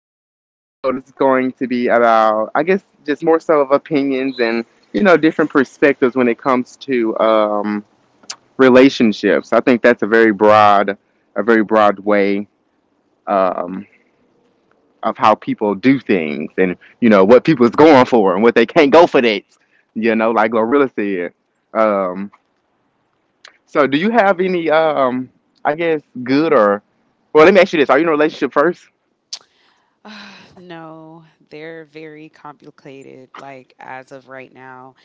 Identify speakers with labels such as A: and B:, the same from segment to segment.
A: Today's episode is going to be about, I guess, just more so of opinions and, you know, different perspectives when it comes to relationships. I think that's a very broad way, um, of how people do things, and you know what people is going for and what they can't go for. That, you know, like Glorilla said. um so do you have any, I guess, good or, well, let me ask you this: are you in a relationship first?
B: No, they're very complicated, like as of right now.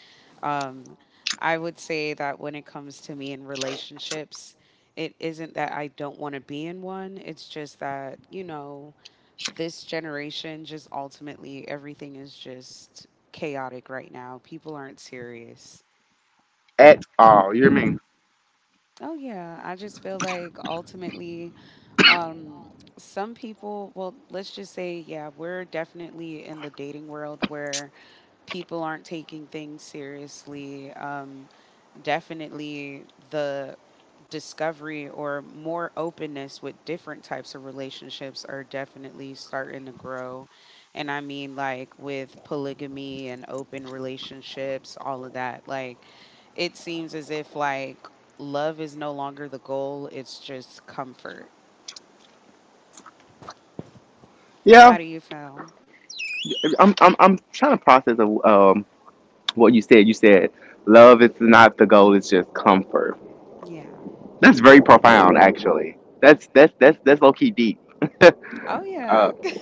B: Um, I would say that when it comes to me in relationships, it isn't that I don't want to be in one. It's just that, this generation, just ultimately, everything is just chaotic right now. People aren't serious.
A: At all, you hear me?
B: Oh yeah, I just feel like ultimately, um, some people, well, let's just say, yeah, we're definitely in the dating world where people aren't taking things seriously. Definitely the discovery or more openness with different types of relationships are definitely starting to grow. And I mean, like with polygamy and open relationships, all of that, like it seems as if like love is no longer the goal, it's just comfort.
A: Yeah.
B: How do you feel?
A: I'm trying to process, um what You said love is not the goal, it's just comfort.
B: Yeah.
A: That's very profound, actually. That's low key deep.
B: Oh,
A: uh,
B: yeah.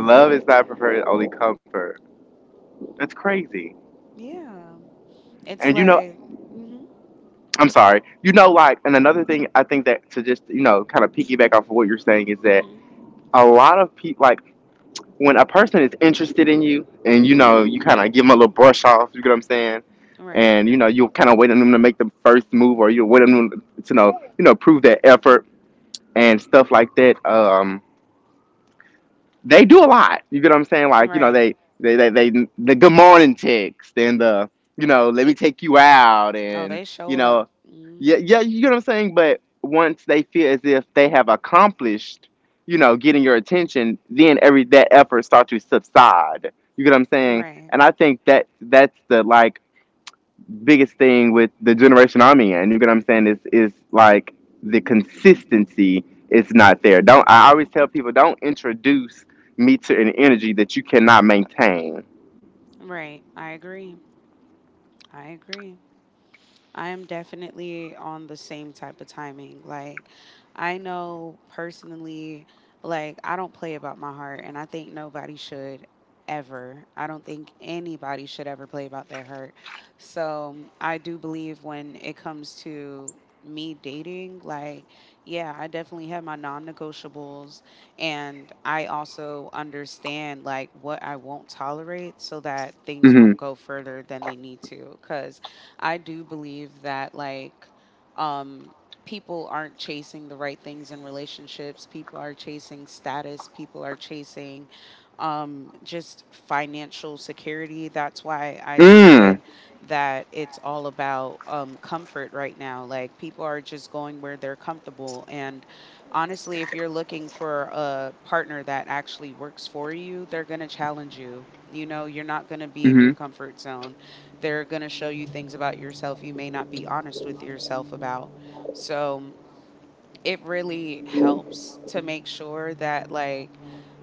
A: Love is not preferred, only comfort. That's crazy.
B: Yeah. It's
A: And, you know,
B: like, mm hmm,
A: I'm sorry. You know, like, and another thing I think that to just, you know, kind of piggyback off of what you're saying is that
B: mm
A: a lot of people, like, when a person is interested in you and, you know, you kind of give them a little brush off, you get what I'm saying?
B: hmm. Right,
A: And, you know, you'll kind of wait on them to make the first move or you wait on them to, you know, prove their effort and stuff like that. They do a lot. You get what I'm saying? Like, you know,
B: right.
A: they, the good morning text and the, you know, let me take you out
B: Oh,
A: and,
B: they show
A: you know,
B: up.
A: yeah, yeah,
B: Mm
A: you get what I'm saying? But once they feel as if they have accomplished, you know, getting your attention, then every that effort starts to subside. You get what I'm
B: hmm.
A: saying?
B: Right.
A: And I think that that's, the like biggest thing with the generation I'm in. You get what I'm saying? Is like the consistency is not there. Don't I always tell people don't introduce me to an energy that you cannot maintain.
B: Right. I agree. I agree. I am definitely on the same type of timing. Like, I know personally, like, I don't play about my heart, and I think nobody should ever. I don't think anybody should ever play about their heart. So, I do believe when it comes to me dating, like, yeah, I definitely have my non negotiables, and I also understand, like, what I won't tolerate so that things
A: Mm-hmm.
B: won't go further than they need to. Because I do believe that like um people aren't chasing the right things in relationships. People are chasing status, people are chasing just financial security. That's why I
A: Mm.
B: stated that it's all about comfort right now. Like people are just going where they're comfortable, and honestly, if you're looking for a partner that actually works for you, they're going to challenge you. You know, you're not going to be in your
A: Mm-hmm.
B: comfort zone. They're going to show you things about yourself you may not be honest with yourself about. So it really helps to make sure that, like,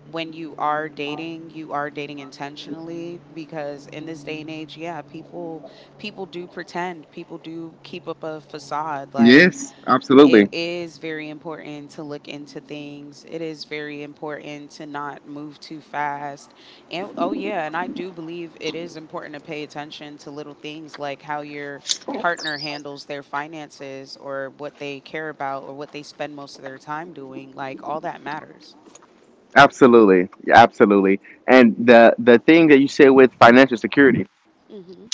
B: when you are dating intentionally, because in this day and age, yeah, people do pretend, people do keep up a facade. Like
A: Yes,
B: it
A: absolutely.
B: is very important to look into things. It is very important to not move too fast. And oh, yeah, and I do believe it is important to pay attention to little things like how your partner handles their finances or what they care about or what they spend most of their time doing. Like, all that matters.
A: Absolutely. Yeah, absolutely. And the thing that you said with financial security,
B: Hmm.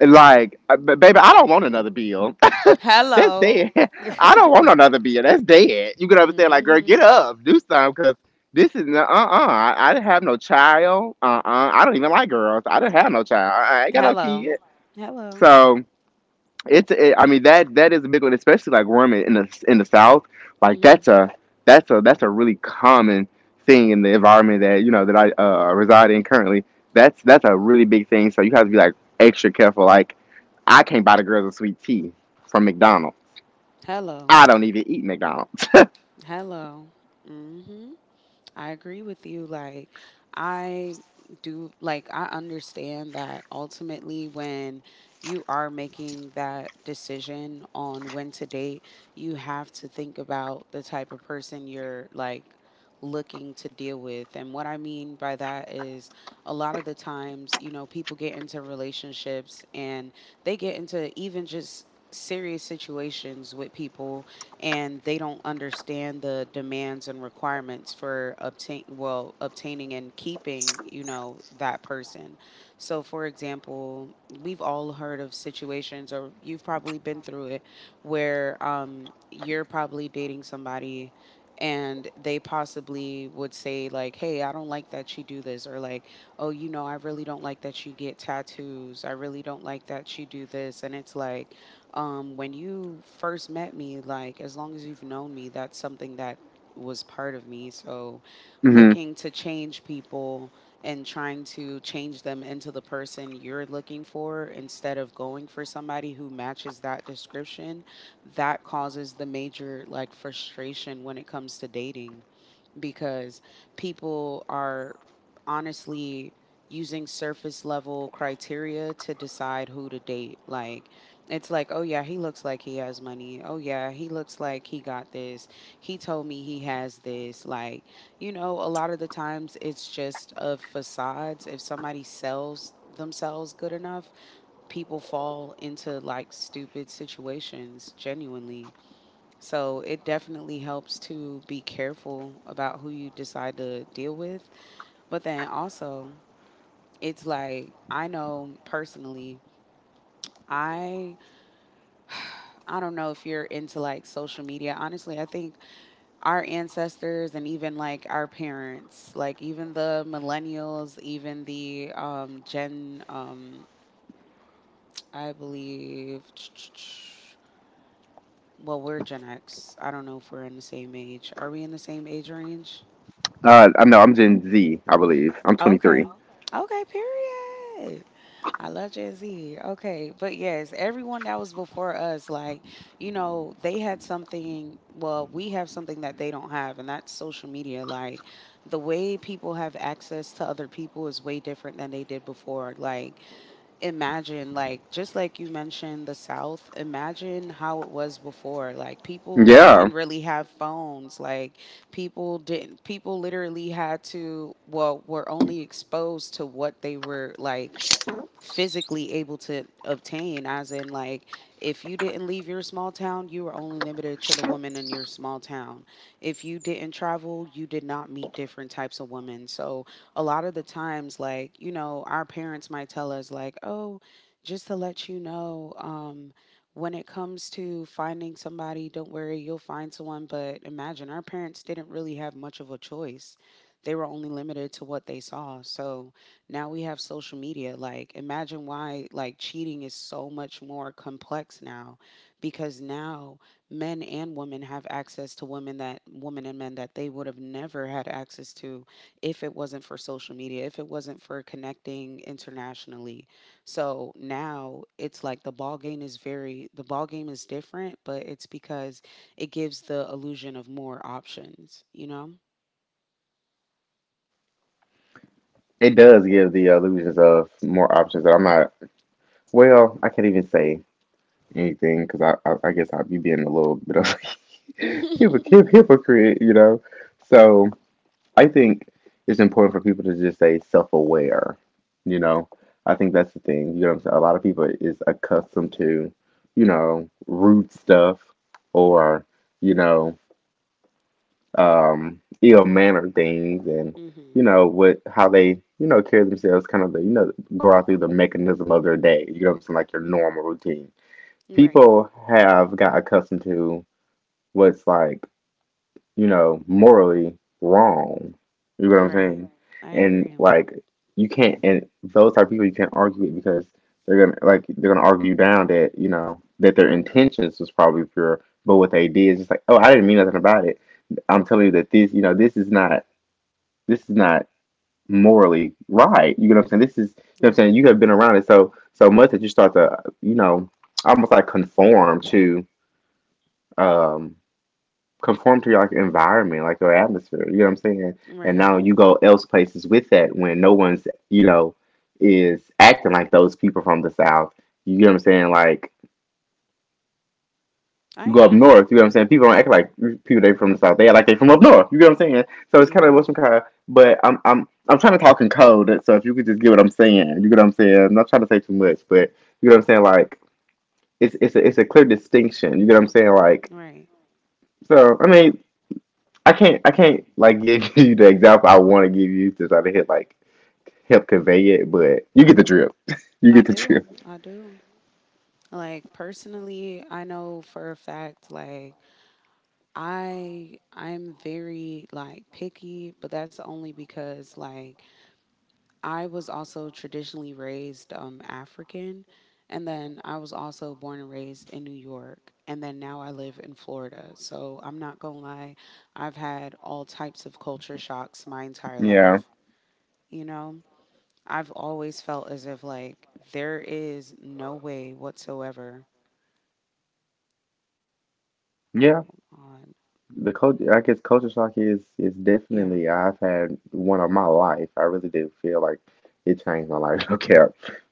A: like, baby, I don't want another bill. That's
B: Hello.
A: dead. I don't want another bill. That's dead. You could understand, like, girl, get
B: Hmm.
A: up, do something, because this is uh. I didn't have no child. I don't even like girls. I didn't have no child. I ain't got no
B: Hello.
A: kid.
B: Hello.
A: So, it's, I mean, that is a big one, especially like worm, in the south. Like,
B: Hmm.
A: that's a really common thing in the environment that, you know, that I, reside in currently. That's a really big thing, so you have to be like extra careful. Like, I can't buy the girls a sweet tea from McDonald's.
B: Hello.
A: I don't even eat McDonald's.
B: Hello. Hmm. I agree with you. Like, I I understand that ultimately when you are making that decision on when to date, you have to think about the type of person you're like looking to deal with. And what I mean by that is a lot of the times, you know, people get into relationships, and they get into even just serious situations with people, and they don't understand the demands and requirements for obtaining and keeping that person. So for example, we've all heard of situations, or you've probably been through it where you're probably dating somebody, and they possibly would say like, hey, I don't like that you do this, or like, oh, you know, I really don't like that you get tattoos, I really don't like that you do this. And it's like, when you first met me, like as long as you've known me, that's something that was part of me. So
A: hmm
B: looking to change people and trying to change them into the person you're looking for instead of going for somebody who matches that description, that causes the major like frustration when it comes to dating, because people are honestly using surface level criteria to decide who to date. Like, it's like, oh, yeah, he looks like he has money. Oh, yeah, he looks like he got this. He told me he has this. Like, you know, a lot of the times it's just of facades. If somebody sells themselves good enough, people fall into like stupid situations genuinely. So it definitely helps to be careful about who you decide to deal with. But then also, it's like I know personally, I I don't know if you're into like social media. Honestly, I think our ancestors and even like our parents, like even the millennials, even the Gen I believe well, we're Gen X. I don't know if we're in the same age. Are we in the same age range?
A: I'm, no, I'm Gen Z, I believe. I'm 23.
B: Okay. Okay, period. I love Gen Z. Okay. But yes, everyone that was before us, like, you know, they had something, well, we have something that they don't have, and that's social media. Like, the way people have access to other people is way different than they did before. Like, imagine like just like you mentioned the south, imagine how it was before, like people
A: Yeah,
B: didn't really have phones, like people didn't, people literally had to, well, were only exposed to what they were like physically able to obtain, as in like if you didn't leave your small town, you were only limited to the woman in your small town. If you didn't travel, you did not meet different types of women. So a lot of the times, like, you know, our parents might tell us like, oh, just to let you know, when it comes to finding somebody, don't worry, you'll find someone, but imagine our parents didn't really have much of a choice. They were only limited to what they saw. So now we have social media. Like, imagine why like cheating is so much more complex now, because now men and women have access to women, that women and men that they would have never had access to if it wasn't for social media, if it wasn't for connecting internationally. So now it's like the ball game is different, but it's because it gives the illusion of more options, you know?
A: it does give the illusions of more options that I'm not, well, I can't even say anything because I guess I'd be being a little bit of a hypocrite, you know. So I think it's important for people to just say self-aware, you know. I think that's the thing. You know what I'm saying? A lot of people is accustomed to, you know, rude stuff or, you know, ill-mannered things and, you
B: Hmm.
A: know, what how they, you know, carry themselves, kind of the, you know, go out through the mechanism of their day. You know what I'm saying? Like, your normal routine,
B: Right.
A: people have got accustomed to what's like, you know, morally wrong. You know what I'm
B: Right.
A: saying?
B: I
A: And
B: agree.
A: like, you can't, and those type of people you can't argue with because they're gonna, like, they're gonna argue down that, you know, that their intentions was probably pure, but what they did is just like, oh, I didn't mean nothing about it. I'm telling you that this, you know, this is not, this is not morally right. You know what I'm saying? This is, you know what I'm
B: Right.
A: saying, you have been around it so so much that you start to, you know, almost like conform to, um your, like, environment, like your atmosphere. You know what I'm saying? And
B: Right.
A: now you go else places with that, when no one's, you know, is acting like those people from the South. You know what I'm saying? Like,
B: I
A: you go up
B: agree.
A: north, you know what I'm saying? People don't act like people they from the South. They act like they from up north. You know what I'm saying? So it's
B: You're
A: kinda what's some
B: right.
A: kind of, but I'm trying to talk in code, so if you could just get what I'm saying, you get what I'm saying. I'm not trying to say too much, but you know what I'm saying. Like, it's a clear distinction. You get what I'm saying. Like,
B: Right.
A: so, I mean, I can't like, give you the example I want to give you to try to hit, like, help convey it, but you get the drift. You
B: I
A: get the
B: do.
A: drift.
B: I do. Like personally, I know for a fact like I'm very like picky, but that's only because like I was also traditionally raised African, and then I was also born and raised in New York, and then now I live in Florida. So I'm not going to lie, I've had all types of culture shocks my entire
A: Yeah.
B: life. You know, I've always felt as if like there is no way whatsoever
A: Yeah.
B: on.
A: The cult I guess, culture shock is
B: Yeah.
A: definitely, I've had one of my life. I really did feel like it changed my life. Okay.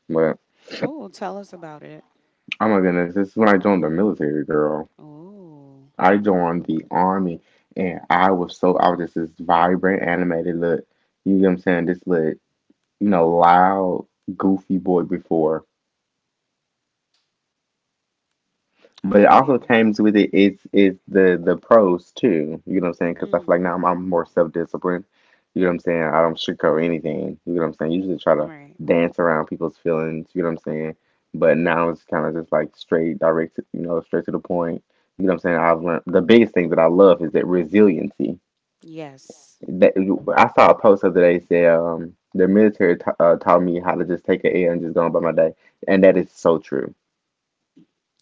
A: But
B: Oh, tell us about it.
A: oh my goodness, this is when I joined the military, girl.
B: Oh,
A: I joined the army, and I was just this vibrant, animated look. You know what I'm saying? This look, you know, loud, goofy boy before.
B: I
A: But it
B: feel
A: also
B: you.
A: comes with it is the pros too. You know what I'm saying? Because I feel like
B: Mhm.
A: now I'm more self disciplined. You know what I'm saying? I don't sugarcoat anything. You know what I'm saying? Usually try to
B: Right.
A: dance around people's feelings. You know what I'm saying? But now it's kind of just like straight, direct. You know, straight to the point. You know what I'm saying? I've learned the biggest thing that I love is that resiliency.
B: Yes.
A: That I saw a post the other day say, the military taught me how to just take an L and just go on by my day, and that is so true.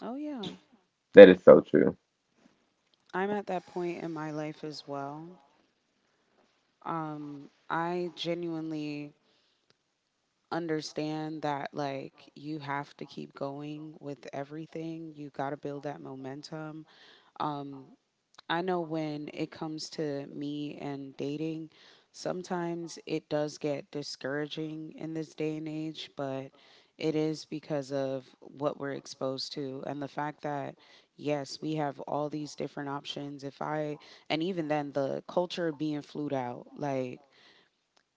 B: Oh yeah.
A: That is so true.
B: I'm at that point in my life as well. I genuinely understand that like you have to keep going with everything. You got to build that momentum. Um I know when it comes to me and dating, sometimes it does get discouraging in this day and age, but it is because of what we're exposed to and the fact that, yes, we have all these different options. If I, and even then, the culture being flued out, like,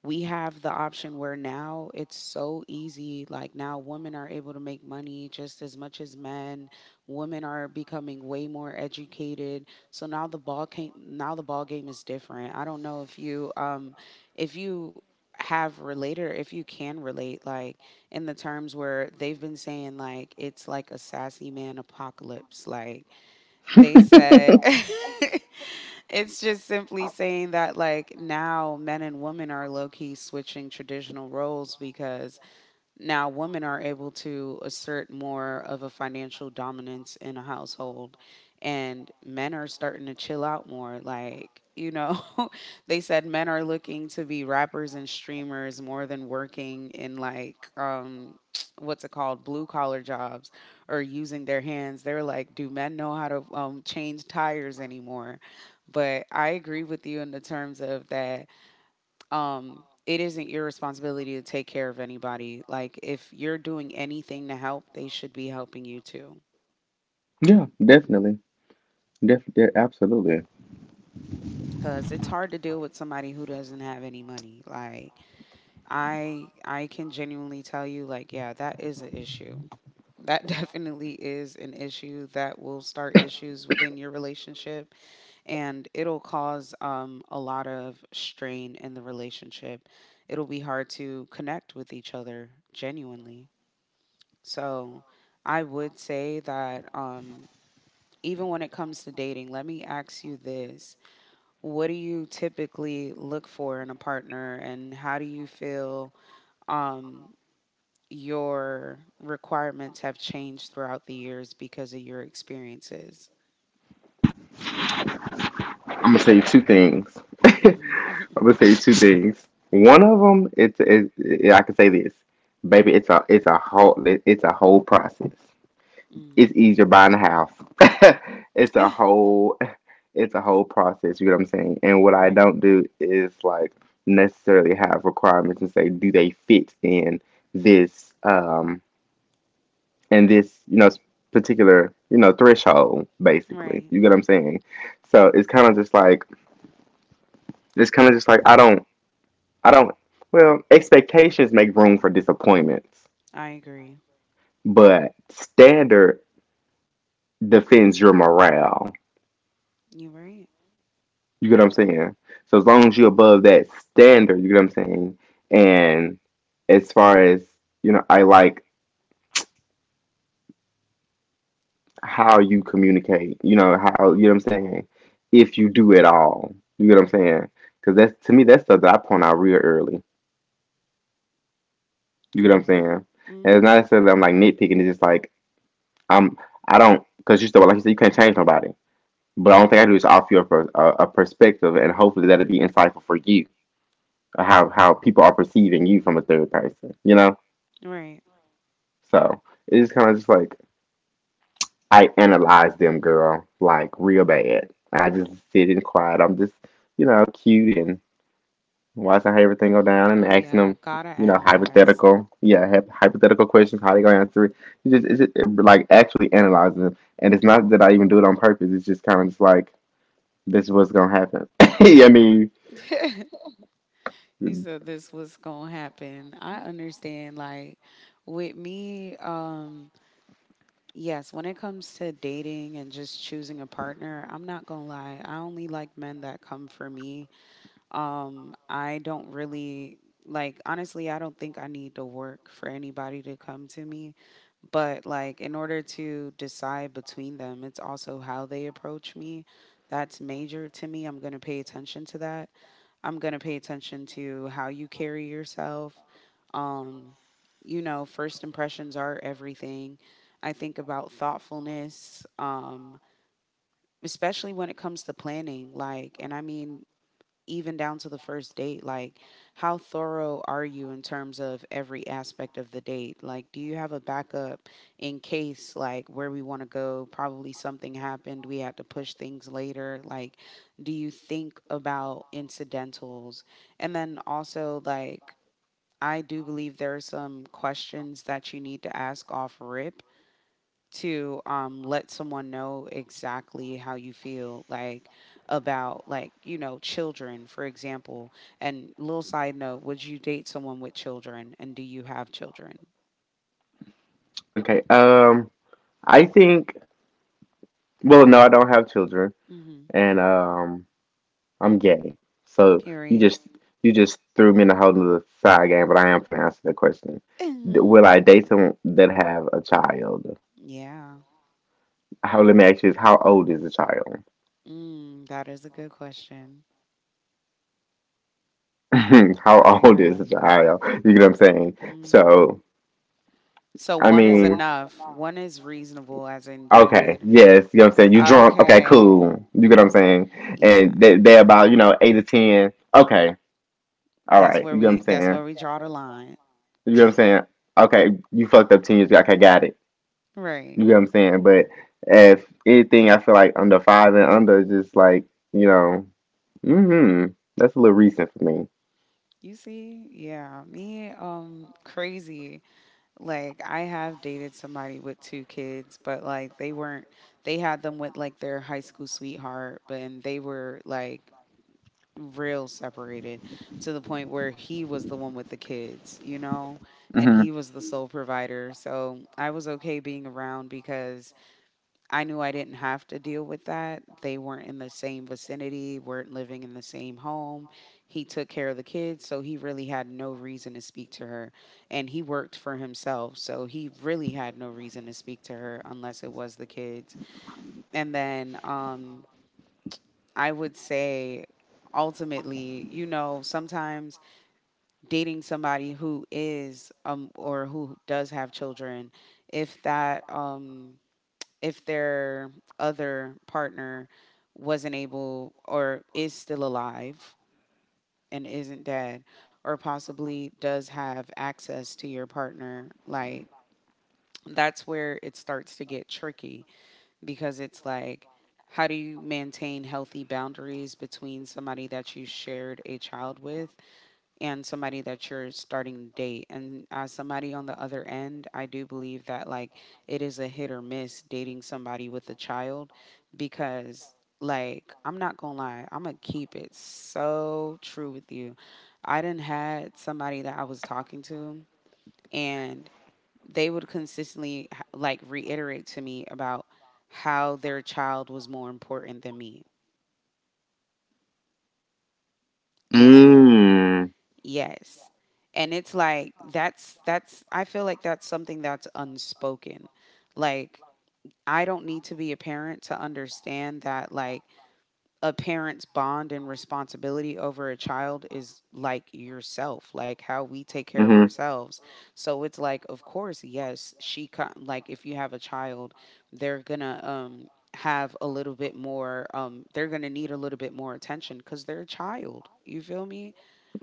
B: we have the option where now it's so easy. Like now, women are able to make money just as much as men. Women are becoming way more educated. So now the ball came. Now the ball game is different. I don't know if you have related, or if you can relate, like in the terms where they've been saying like it's like a sassy man apocalypse. Like they said it's just simply saying that like now men and women are low key switching traditional roles because now, women are able to assert more of a financial dominance in a household, and men are starting to chill out more. Like, you know, they said men are looking to be rappers and streamers more than working in, like, what's it called, blue collar jobs or using their hands. They're like, do men know how to change tires anymore? But I agree with you in the terms of that um it isn't your responsibility to take care of anybody, like if you're doing anything to help, they should be helping you too,
A: Yeah, definitely. Def, def, absolutely.
B: because it's hard to deal with somebody who doesn't have any money. Like, I can genuinely tell you, like, yeah, that is an issue that definitely is an issue that will start issues within your relationship, and it'll cause a lot of strain in the relationship. It'll be hard to connect with each other genuinely. So I would say that even when it comes to dating, let me ask you this. What do you typically look for in a partner, and how do you feel um, your requirements have changed throughout the years because of your experiences?
A: I'm gonna say two things. I'm
B: Hmm.
A: gonna say two things. One of them, I can say this, baby. It's a whole process. It's
B: Mm.
A: easier buying a house. it's a
B: Eh,
A: whole, it's a whole process. You know what I'm saying? And what I
B: right,
A: don't do is like necessarily have requirements and say, do they fit this, um, in this, you know, particular, you know, threshold. Basically,
B: right.
A: you get what I'm saying? So it's kind of just like, It's kind of just like I don't, I don't. Well, expectations make room for disappointments,
B: I agree.
A: but standard defends your morale.
B: You're right.
A: You get what I'm saying? So as long as you're above that standard, you get what I'm saying. And as far as, you know, I like how you communicate. You know how, you know what I'm saying. If you do it all, you get what I'm saying. Because that's, to me, that's stuff that I point out real early. You get what I'm saying?
B: Right.
A: And it's
B: Hmm.
A: not necessarily I'm, like, nitpicking. It's just like, I'm I don't because you still like you said, you can't change nobody. But all I don't think I do is offer you a perspective, and hopefully that'll be insightful for you how people are perceiving you from a third person. You know,
B: Right.
A: so it's kind of just like I analyze them, girl, like real bad. I just sit in quiet. I'm just, you know, cute and watching how everything go down and
B: Oh,
A: asking
B: yeah.
A: them,
B: Gotta
A: you know,
B: analyze.
A: hypothetical, yeah, hypothetical questions, how they gonna answer it. It's just, like, actually analyzing them, and it's not that I even do it on purpose. It's just kind of just like, this was gonna happen. I mean,
B: You said this was gonna happen. I understand. Like with me, yes, when it comes to dating and just choosing a partner, I'm not gonna lie. I only like men that come for me. I don't really like, honestly, I don't think I need to work for anybody to come to me. But like, in order to decide between them, it's also how they approach me. That's major to me. I'm going to pay attention to that. I'm going to pay attention to how you carry yourself. Um, you know, first impressions are everything. I think about thoughtfulness, especially when it comes to planning. Like, and I mean, even down to the first date, like how thorough are you in terms of every aspect of the date? Like, do you have a backup in case, like, where we want to go? Probably something happened. We had to push things later. Like, do you think about incidentals? And then also, like, I do believe there are some questions that you need to ask off rip to let someone know exactly how you feel, like about, like, you know, children, for example. And little side note, would you date someone with children, and do you have children?
A: okay. I think. Well, no, I don't have children,
B: Mm-hmm.
A: and, I'm gay. So you
B: Period.
A: just, you just threw me in a whole nother side game, but I am gonna answer the question.
B: Mm-hmm.
A: Will I date someone that have a child?
B: Yeah.
A: How, let me ask you this: how old is the child?
B: Mm, that is a good question.
A: How
B: I
A: old is the
B: agree.
A: child? You get what I'm saying?
B: Mm-hmm.
A: So,
B: So
A: I
B: one is
A: mean,
B: enough, one is reasonable, as in you
A: okay,
B: would.
A: yes, you know what I'm saying. You drunk? Okay,
B: Okay.
A: cool. You get what I'm saying?
B: Yeah,
A: And they about, you know, 8 to 10. Okay, all
B: that's
A: right.
B: where
A: You get what I'm
B: we, that's
A: saying?
B: where we draw the line.
A: You get what I'm saying? Okay, you fucked up 10 years ago. Okay, got it.
B: Right.
A: You get what I'm saying? But if anything, I feel like under five and under is just like you know, hmm that's a little recent for me.
B: You see, yeah, me, crazy. Like, I have dated somebody with two kids, but like they weren't, they had them with like their high school sweetheart, but and they were like real separated, to the point where he was the one with the kids, you know, and
A: Mm-hmm.
B: he was the sole provider. So I was okay being around because I knew I didn't have to deal with that. They weren't in the same vicinity, weren't living in the same home. He took care of the kids, so he really had no reason to speak to her. And he worked for himself, so he really had no reason to speak to her unless it was the kids. And then I would say, ultimately, you know, sometimes dating somebody who is or who does have children, if that if their other partner wasn't able or is still alive and isn't dead, or possibly does have access to your partner, like that's where it starts to get tricky, because it's like, how do you maintain healthy boundaries between somebody that you shared a child with and somebody that you're starting to date? And as somebody on the other end, I do believe that, like, it is a hit or miss dating somebody with a child, because like, I'm not gonna lie, I'm gonna keep it so true with you. I didn't had somebody that I was talking to, and they would consistently like reiterate to me about how their child was more important than me. And
A: Mm.
B: yes. And it's like that's, I feel like that's something that's unspoken. Like, I don't need to be a parent to understand that, like, a parent's bond and responsibility over a child is like yourself, like how we take care of
A: Mm-hmm.
B: ourselves. So it's like, of course, yes, she like if you have a child, they're going to have a little bit more, they're going to need a little bit more attention, cuz they're a child. You feel me?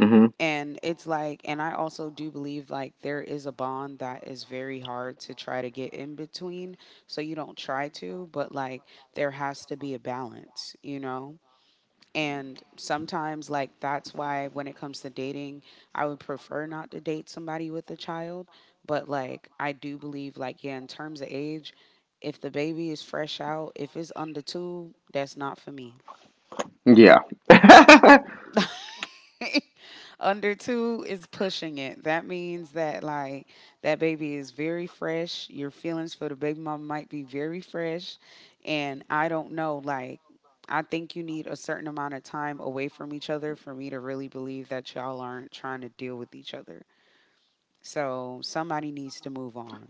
A: Mm-hmm.
B: And it's like, and I also do believe like there is a bond that is very hard to try to get in between. So you don't try to, but like there has to be a balance, you know? And sometimes, like, that's why when it comes to dating, I would prefer not to date somebody with a child. But like, I do believe, like, yeah, in terms of age, if the baby is fresh out, if it's under two, that's not for me.
A: Yeah.
B: Under two is pushing it. That means that like that baby is very fresh. Your feelings for the baby mama might be very fresh. And I don't know, like I think you need a certain amount of time away from each other for me to really believe that y'all aren't trying to deal with each other. So somebody needs to move on.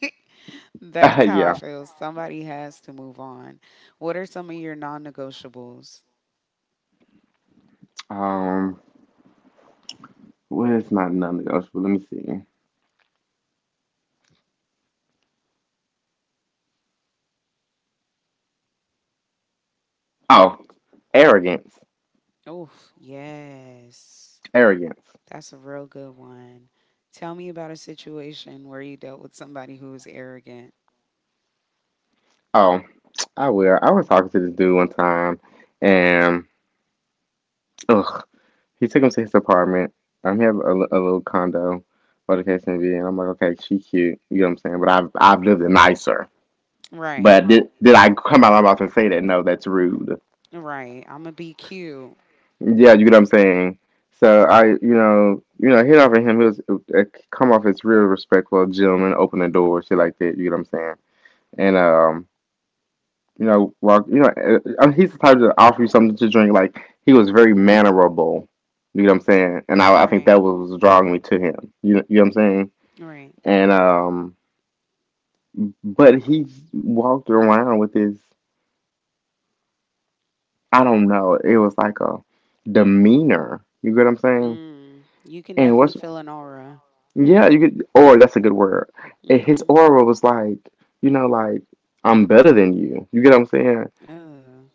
B: That's how I
A: Yeah.
B: feel. Somebody has to move on. What are some of your non negotiables?
A: Um. What is my non-negotiable? Let me see. Oh, arrogance.
B: Oh, yes.
A: Arrogance.
B: That's a real good one. Tell me about a situation where you dealt with somebody who was arrogant.
A: Oh, I will. I was talking to this dude one time, and ugh, he took him to his apartment. He have a little condo, whatever the case may be. And I'm like, okay, she cute. You know what I'm saying? But I've lived it nicer.
B: Right,
A: But did I come out of my mouth and say that? No, that's rude.
B: right. I'm gonna be cute.
A: Yeah, you know what I'm saying. So I, hit off him. He was It come off as real respectful, gentleman, open the door, shit like that. You know what I'm saying? And well, he's the type to offer you something to drink. Like he was very mannerable. You know what I'm saying? And I think
B: Right,
A: that was drawing me to him. You know what I'm saying?
B: right.
A: And but he walked around with his, I don't know, it was like a demeanor. You get what I'm saying?
B: Mm, you can
A: And
B: definitely
A: what's
B: feel an aura.
A: yeah, you could, or that's a good word.
B: Mm,
A: And his
B: mhm.
A: aura was like, like I'm better than you. You get what I'm saying?
B: Oh,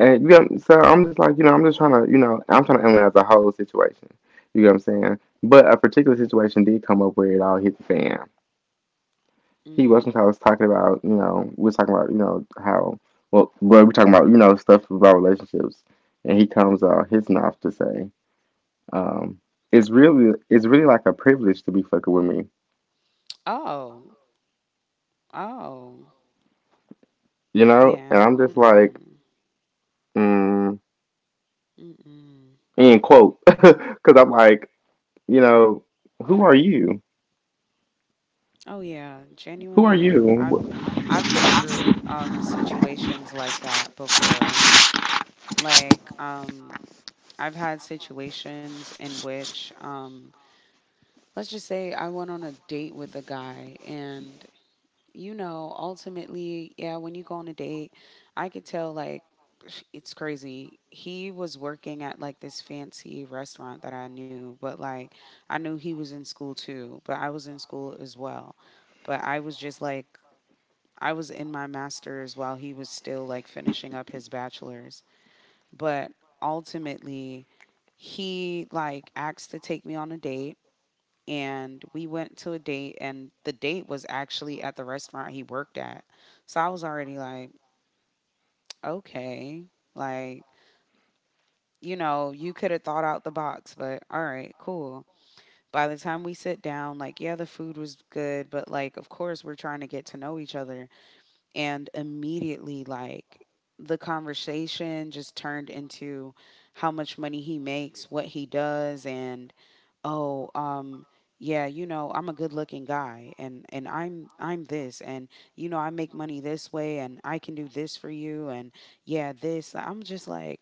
A: And so I'm just like, I'm just trying to, I'm trying to analyze the whole situation. You know what I'm saying? But a particular situation did come up where it all hit the fan. He was I
B: Mm.
A: was talking about, we was talking about, how well we're talking about, stuff about relationships. And he comes out his mouth to say, um, it's really like a privilege to be fucking with me.
B: Oh, oh,
A: You know? And
B: yeah.
A: I'm just like,
B: Mm.
A: mm,
B: Mm.
A: end quote. 'Cause I'm like, you know, who are you?
B: Oh, yeah.
A: Who are
B: Genuinely,
A: you?
B: I've been through situations like that before. Like, I've had situations in which, let's just say I went on a date with a guy, and you know, ultimately, yeah, when you go on a date, I could tell like it's crazy. He was working at like this fancy restaurant that I knew, but like I knew he was in school too, but I was in school as well. But I was just like, I was in my master's while he was still like finishing up his bachelor's, but ultimately he like asked to take me on a date, and we went to a date, and the date was actually at the restaurant he worked at. So I was already like, okay, like, you know, you could have thought out the box, but all right, cool. By the time we sit down, like yeah, the food was good, but like of course we're trying to get to know each other. And immediately, like the conversation just turned into how much money he makes, what he does, and oh, yeah, you know, I'm a good-looking guy, and I'm, this, and you know, I make money this way, and I can do this for you, and yeah, this, I'm just like,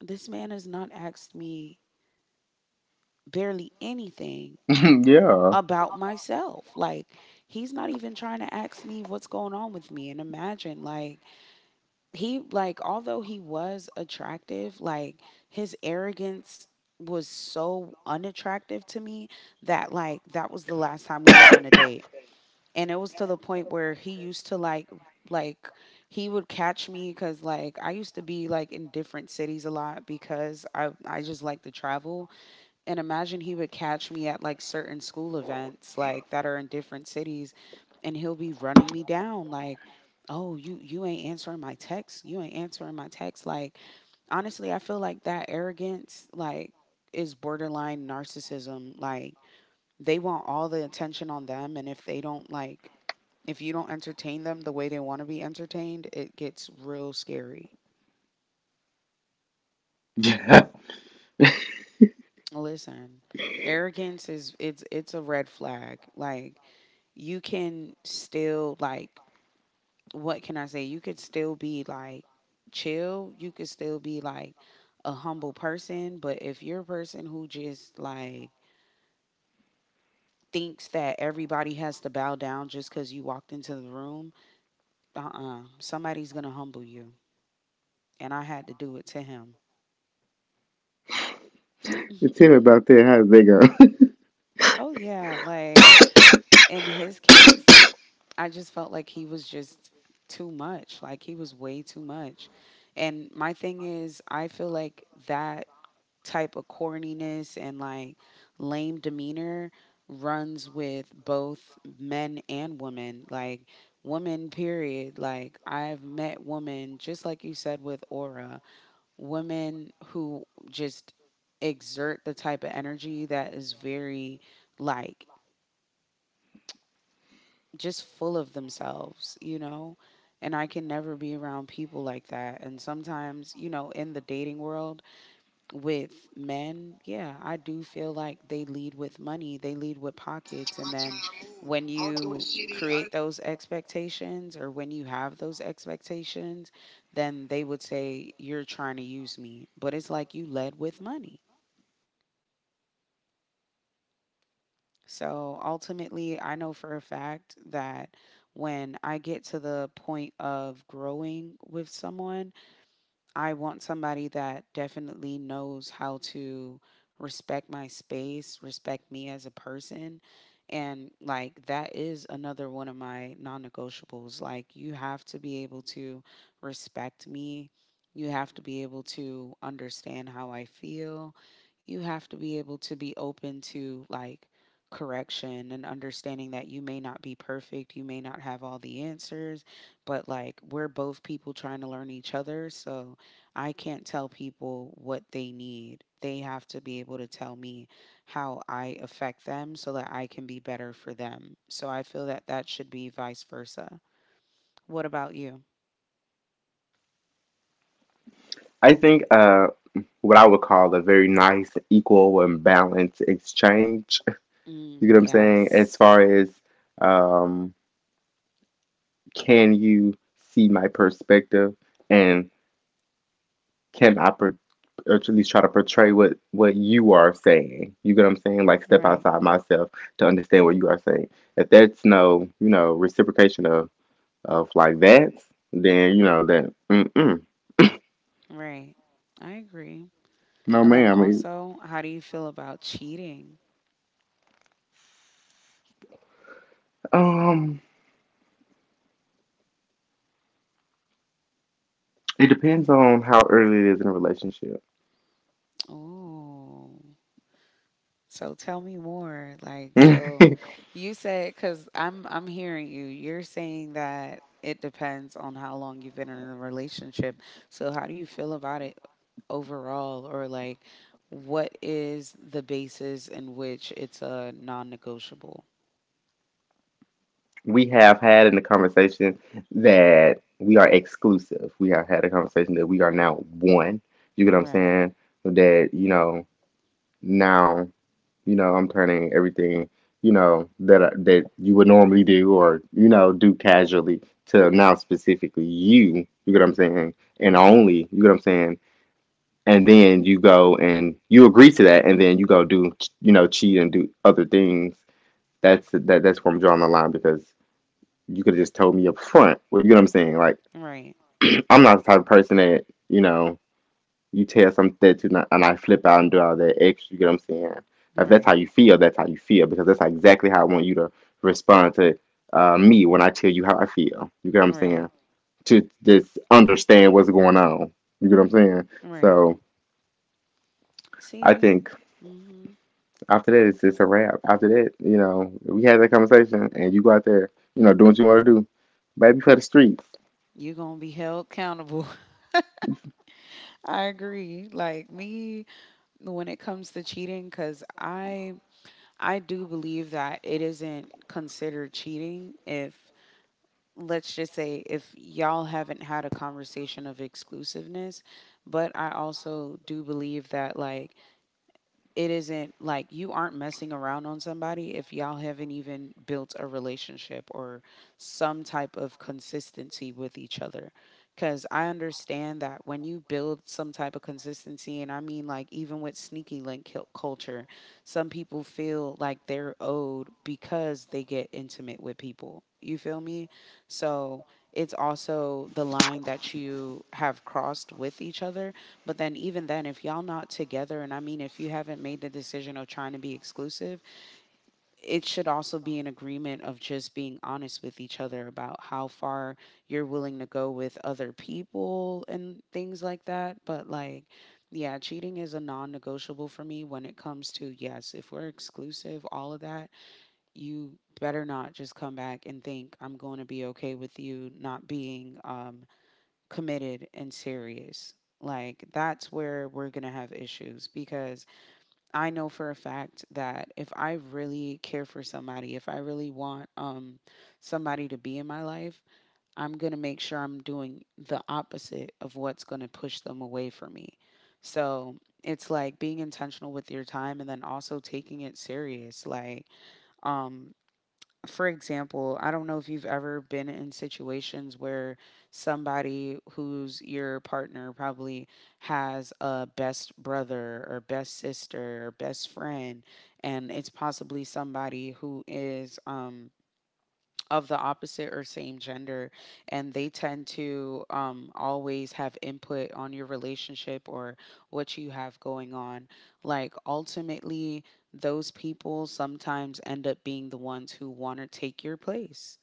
B: this man has not asked me barely anything
A: yeah.
B: about myself. Like, he's not even trying to ask me what's going on with me, and imagine like he, like although he was attractive, like his arrogance was so unattractive to me that like that was the last time we went on a date. And it was to the point where he used to like he would catch me, because like I used to be like in different cities a lot because I just like to travel. And imagine he would catch me at like certain school events like that are in different cities, and he'll be running me down like, oh, you ain't answering my text, you ain't answering my text. Like, honestly, I feel like that arrogance, like is borderline narcissism. Like they want all the attention on them, and if they don't, like if you don't entertain them the way they want to be entertained, it gets real scary.
A: Yeah.
B: Listen, arrogance is, it's a red flag. Like, you can still like, what can I say? You could still be like chill. You could still be like a humble person, but if you're a person who just like thinks that everybody has to bow down just because you walked into the room, uh-uh, somebody's gonna humble you. And I had to do it to him.
A: It's him about there. How does that go?
B: Oh yeah, like in his case, I just felt like he was just too much. Like he was way too much. And my thing is, I feel like that type of corniness and like lame demeanor runs with both men and women. Like women, period. Like, I've met women, just like you said with aura, women who just exert the type of energy that is very, like, just full of themselves, you know? And I can never be around people like that. And sometimes, you know, in the dating world with men, yeah, I do feel like they lead with money, they lead with pockets. And then when you create those expectations, or when you have those expectations, then they would say, "You're trying to use me." But it's like, you led with money. So ultimately, I know for a fact that when I get to the point of growing with someone, I want somebody that definitely knows how to respect my space, respect me as a person. And like that is another one of my non negotiables. Like, you have to be able to respect me. You have to be able to understand how I feel. You have to be able to be open to like correction and understanding that you may not be perfect. You may not have all the answers, but like we're both people trying to learn each other. So I can't tell people what they need. They have to be able to tell me how I affect them so that I can be better for them. So I feel that that should be vice versa. What about you?
A: I think what I would call a very nice, equal and balanced exchange.
B: Mm,
A: You get what I'm saying? As
B: yes.
A: far as um can you see my perspective, and can I or at least try to portray what you are saying. You get what I'm saying? Like, step
B: Right.
A: outside myself to understand what you are saying. If that's no, reciprocation of like that, then you know that. Mm mm.
B: Right, I agree.
A: No,
B: And then
A: ma'am.
B: also, how do you feel about cheating?
A: Um, It depends on how early it is in a relationship.
B: Oh. So tell me more. So you said, because I'm hearing you. You're saying that it depends on how long you've been in a relationship. So how do you feel about it overall, or like, what is the basis in which it's a non-negotiable?
A: We have had in the conversation that we are exclusive. We have had a conversation that we are now one. You get what I'm
B: Right.
A: saying? That now I'm turning everything, that you would normally do or do casually, to now specifically you. You get what I'm saying? And
B: Right.
A: only you get what I'm saying. And then you go and you agree to that, and then you go do, cheat and do other things. That's that's where I'm drawing the line because you could have just told me up front. Well, you know what I'm saying? Like,
B: Right.
A: I'm not the type of person that, you know, you tell something to not, and I flip out and do all that extra, you get what I'm saying? If that's how
B: Right.
A: you feel, that's how you feel, because that's exactly how I want you to respond to me when I tell you how I feel. You get what I'm
B: Right.
A: saying? To just understand what's going on. You get what I'm saying?
B: Right.
A: So I
B: See.
A: think.
B: Mm-hmm.
A: After that, it's a wrap. After that, we had that conversation, and you go out there, doing what you want to do, baby, for the streets.
B: You're gonna be held accountable. I agree. Like me, when it comes to cheating, because I do believe that it isn't considered cheating if, let's just say, if y'all haven't had a conversation of exclusiveness. But I also do believe that, like, it isn't like you aren't messing around on somebody if y'all haven't even built a relationship or some type of consistency with each other. Because I understand that when you build some type of consistency, and I mean, like, even with sneaky link culture, some people feel like they're owed because they get intimate with people. You feel me? So it's also the line that you have crossed with each other, but then even then, if y'all not together, and I mean if you haven't made the decision of trying to be exclusive, it should also be an agreement of just being honest with each other about how far you're willing to go with other people and things like that. But like, yeah, cheating is a non-negotiable for me. When it comes to, yes, if we're exclusive, all of that, you better not just come back and think I'm going to be okay with you not being committed and serious. Like, that's where we're going to have issues, because I know for a fact that if I really care for somebody, if I really want somebody to be in my life, I'm going to make sure I'm doing the opposite of what's going to push them away from me. So it's like being intentional with your time and then also taking it serious. Like, um, for example, I don't know if you've ever been in situations where somebody who's your partner probably has a best brother or best sister or best friend, and it's possibly somebody who is of the opposite or same gender, and they tend to always have input on your relationship or what you have going on. Like, ultimately those people sometimes end up being the ones who want to take your place.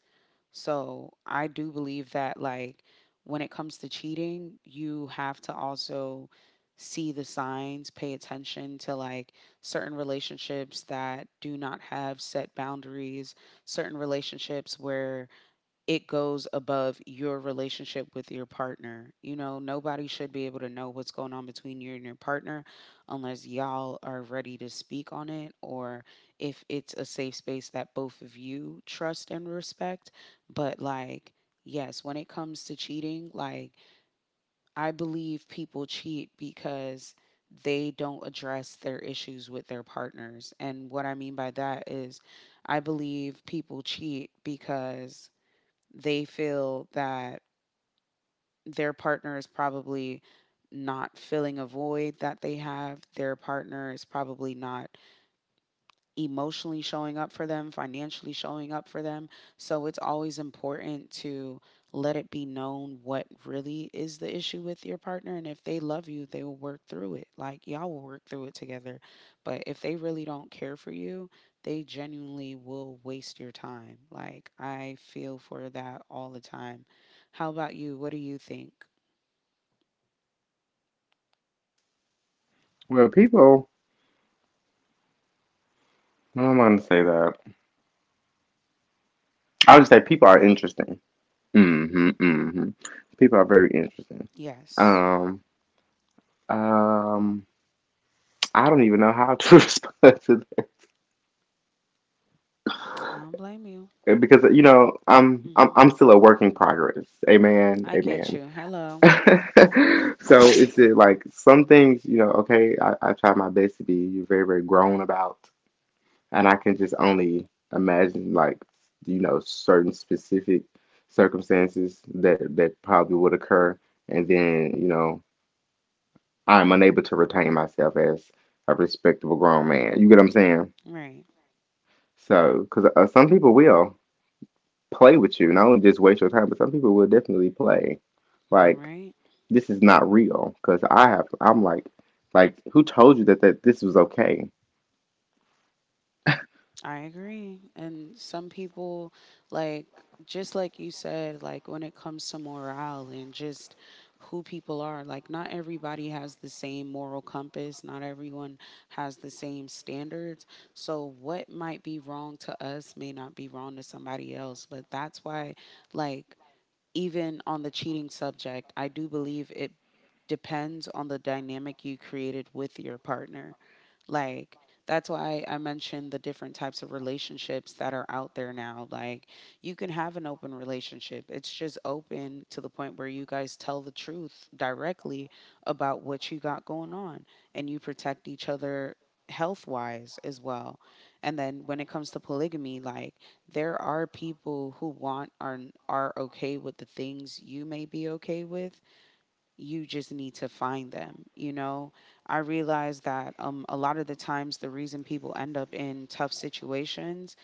B: So I do believe that, like, when it comes to cheating, you have to also see the signs, pay attention to, like, certain relationships that do not have set boundaries, certain relationships where it goes above your relationship with your partner. You know, nobody should be able to know what's going on between you and your partner unless y'all are ready to speak on it, or if it's a safe space that both of you trust and respect. But, like, yes, when it comes to cheating, like, I believe people cheat because they don't address their issues with their partners. And what I mean by that is, I believe people cheat because they feel that their partner is probably not filling a void that they have. Their partner is probably not emotionally showing up for them, financially showing up for them. So it's always important to let it be known what really is the issue with your partner. And if they love you, they will work through it. Like, y'all will work through it together. But if they really don't care for you, they genuinely will waste your time. Like, I feel for that all the time. How about you? What do you think?
A: Well, people, I don't want to say that. I'll just say people are interesting. Mm-hmm, mm-hmm. People are very interesting.
B: Yes.
A: Um, um, I don't even know how to respond to that,
B: I don't blame you.
A: because I'm I'm
B: Hmm.
A: I'm still a work in progress. Amen,
B: I get
A: amen.
B: you. Hello.
A: So it like some things, okay, I try my best to be very, very grown about, and I can just only imagine like, certain specific circumstances that probably would occur, and then, I'm unable to retain myself as a respectable grown man. You get what I'm saying?
B: Right.
A: So, because some people will play with you, not only just waste your time, but some people will definitely play.
B: You're
A: Like,
B: right.
A: this is not real, because I'm like, who told you that that this was okay?
B: I agree. And some people, like, just like you said, like, when it comes to morale and just who people are, like, not everybody has the same moral compass, not everyone has the same standards. So what might be wrong to us may not be wrong to somebody else. But that's why, like, even on the cheating subject, I do believe it depends on the dynamic you created with your partner. Like, that's why I mentioned the different types of relationships that are out there now. Like, you can have an open relationship. It's just open to the point where you guys tell the truth directly about what you got going on, and you protect each other health wise as well. And then when it comes to polygamy, like, there are people who want are okay with the things you may be okay with. You just need to find them, you know. I realize that a lot of the times the reason people end up in tough situations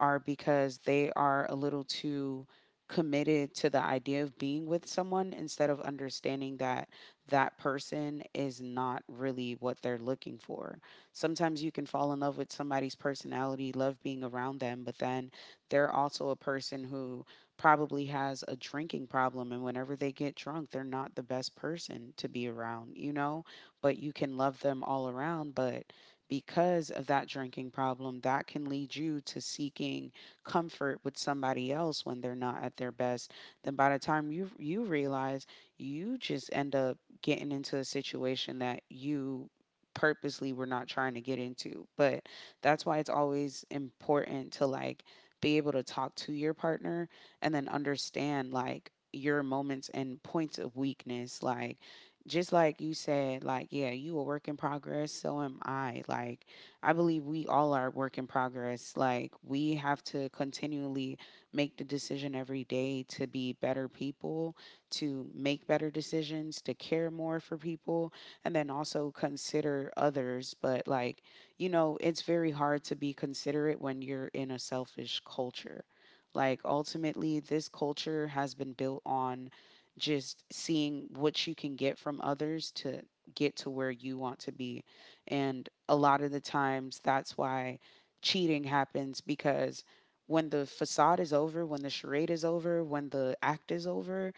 B: are because they are a little too committed to the idea of being with someone instead of understanding that that person is not really what they're looking for. Sometimes you can fall in love with somebody's personality, love being around them, but then they're also a person who probably has a drinking problem, and whenever they get drunk, they're not the best person to be around, you know? But you can love them all around, but because of that drinking problem, that can lead you to seeking comfort with somebody else when they're not at their best. Then by the time you realize, you just end up getting into a situation that you purposely were not trying to get into. But that's why it's always important to, like, be able to talk to your partner and then understand, like, your moments and points of weakness. Like, just like you said, like, yeah, you a work in progress, so am I. Like, I believe we all are work in progress. Like, we have to continually make the decision every day to be better people, to make better decisions, to care more for people, and then also consider others. But, like, you know, it's very hard to be considerate when you're in a selfish culture. Like, ultimately, this culture has been built on just seeing what you can get from others to get to where you want to be. And a lot of the times, that's why cheating happens, because when the facade is over, when the charade is over, when the act is over,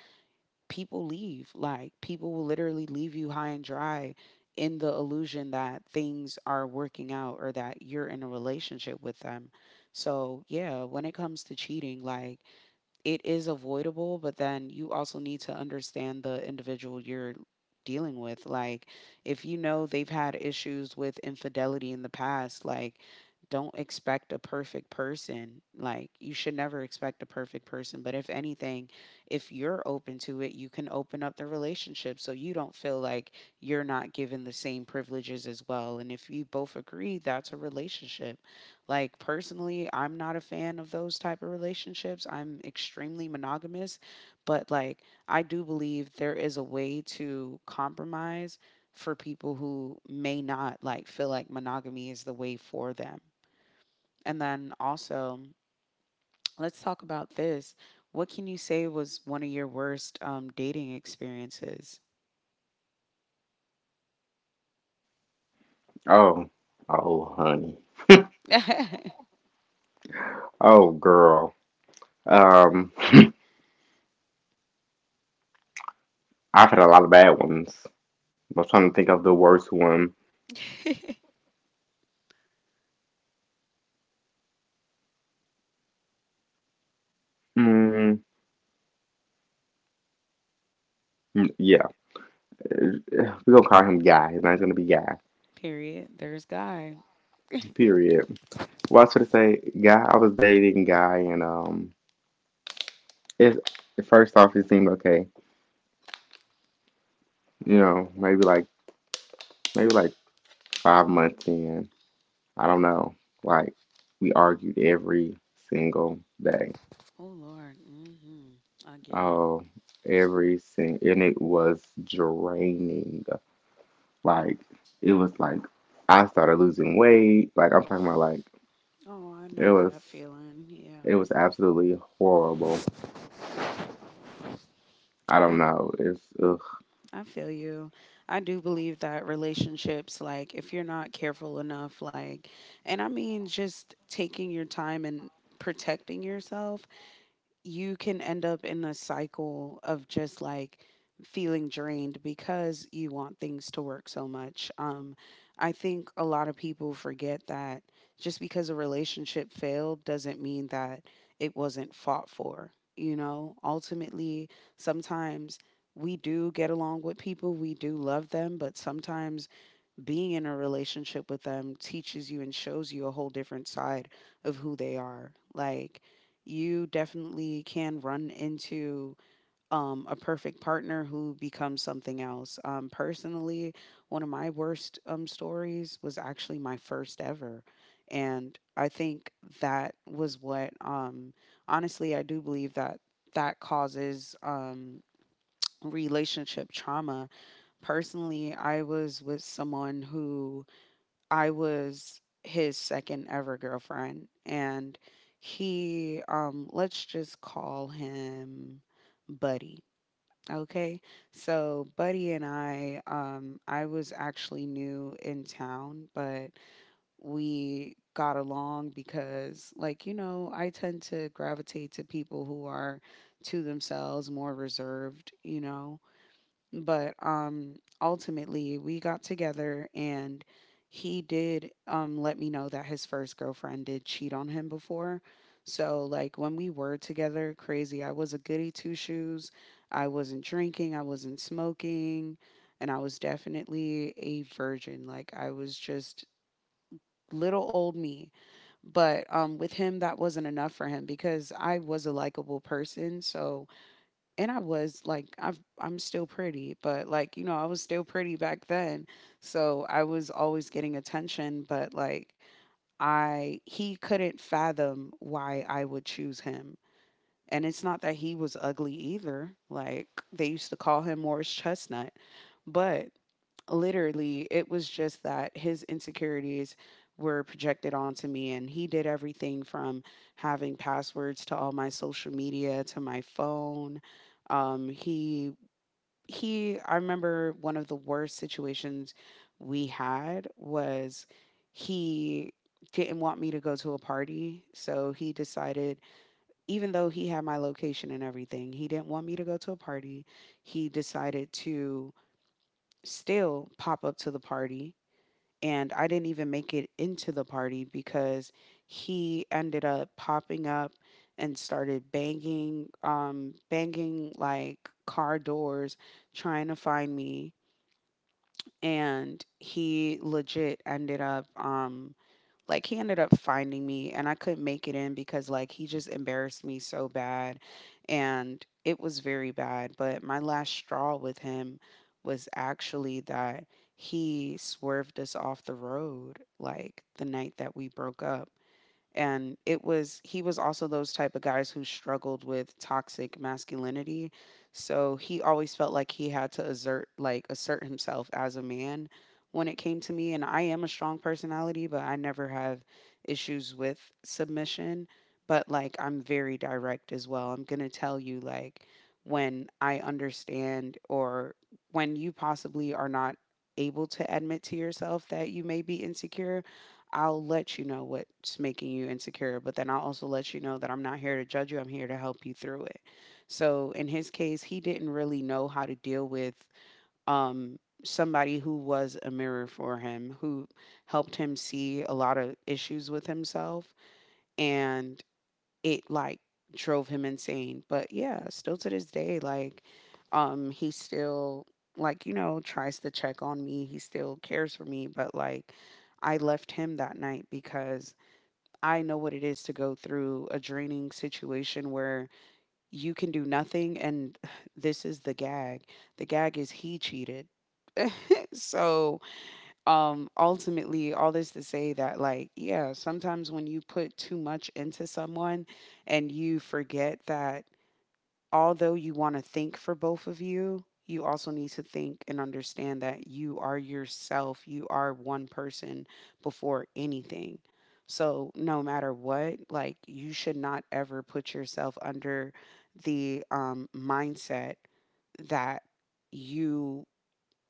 B: people leave. Like, people will literally leave you high and dry in the illusion that things are working out or that you're in a relationship with them. So, yeah, when it comes to cheating, like, it is avoidable, but then you also need to understand the individual you're dealing with. Like, if you know they've had issues with infidelity in the past, like, don't expect a perfect person. Like, you should never expect a perfect person. But if anything, if you're open to it, you can open up the relationship, so you don't feel like you're not given the same privileges as well. And if you both agree, that's a relationship. Like, personally, I'm not a fan of those type of relationships. I'm extremely monogamous, but, like, I do believe there is a way to compromise for people who may not, like, feel like monogamy is the way for them. And then also, let's talk about this. What can you say was one of your worst dating experiences?
A: Oh, oh honey. Oh girl. Um I've had a lot of bad ones. I'm trying to think of the worst one. Mm, yeah. We're gonna call him Guy. His name's gonna be Guy.
B: Period. There's Guy.
A: Period. Well, I was gonna say Guy. I was dating Guy, and it's first off it seemed okay. You know, maybe like 5 months in. I don't know. Like, we argued every single day.
B: Oh, Lord. Hmm. I get it.
A: Oh, every single and it was draining. Like, it was like I started losing weight. Like, I'm talking about, like,
B: Oh, I
A: it
B: know
A: was
B: that feeling. Yeah.
A: it was absolutely horrible. I
B: I
A: don't know. It's ugh.
B: I feel you. I do believe that relationships, like, if you're not careful enough, like, and I mean just taking your time and protecting yourself, you can end up in a cycle of just, like, feeling drained because you want things to work so much. I think a lot of people forget that just because a relationship failed doesn't mean that it wasn't fought for. You know, ultimately, sometimes we do get along with people, we do love them, but sometimes being in a relationship with them teaches you and shows you a whole different side of who they are. Like, you definitely can run into a perfect partner who becomes something else. Personally, one of my worst stories was actually my first ever. And I think that was what, honestly, I do believe that that causes relationship trauma. Personally, I was with someone who I was his second ever girlfriend, and he, let's just call him Buddy. Okay, so Buddy and I was actually new in town, but we got along because, like, you know, I tend to gravitate to people who are to themselves, more reserved, but ultimately we got together, and he did let me know that his first girlfriend did cheat on him before. So like when we were together, crazy, I was a goody two shoes. I wasn't drinking, I wasn't smoking, and I was definitely a virgin. Like I was just little old me. But with him that wasn't enough for him, because I was a likable person. So, and I was like, I'm still pretty, but like you know, I was still pretty back then. So I was always getting attention, but like I he couldn't fathom why I would choose him. And it's not that he was ugly either. Like they used to call him Morris Chestnut, but literally it was just that his insecurities were projected onto me, and he did everything from having passwords to all my social media to my phone. Um he I remember one of the worst situations we had was he didn't want me to go to a party, so he decided, even though he had my location and everything, he didn't want me to go to a party, he decided to still pop up to the party. And I didn't even make it into the party because he ended up popping up and started banging like car doors trying to find me. And he legit ended up like he ended up finding me, and I couldn't make it in because like he just embarrassed me so bad. And it was very bad. But my last straw with him was actually that he swerved us off the road, like, the night that we broke up. And it was, he was also those type of guys who struggled with toxic masculinity, so he always felt like he had to assert himself as a man when it came to me. And I am a strong personality, but I never have issues with submission. But like, I'm very direct as well. I'm going to tell you, like, when I understand, or when you possibly are not able to admit to yourself that you may be insecure, I'll let you know what's making you insecure, but then I'll also let you know that I'm not here to judge you. I'm here to help you through it. So in his case, he didn't really know how to deal with um, somebody who was a mirror for him, who helped him see a lot of issues with himself. And it like drove him insane. But yeah, still to this day, like, he still like tries to check on me. He still cares for me, but like, I left him that night because I know what it is to go through a draining situation where you can do nothing. And this is the gag. The gag is he cheated. So ultimately, all this to say that like yeah, sometimes when you put too much into someone, and you forget that, although you want to think for both of you, you also need to think and understand that you are yourself, you are one person before anything. So no matter what, like, you should not ever put yourself under the mindset that you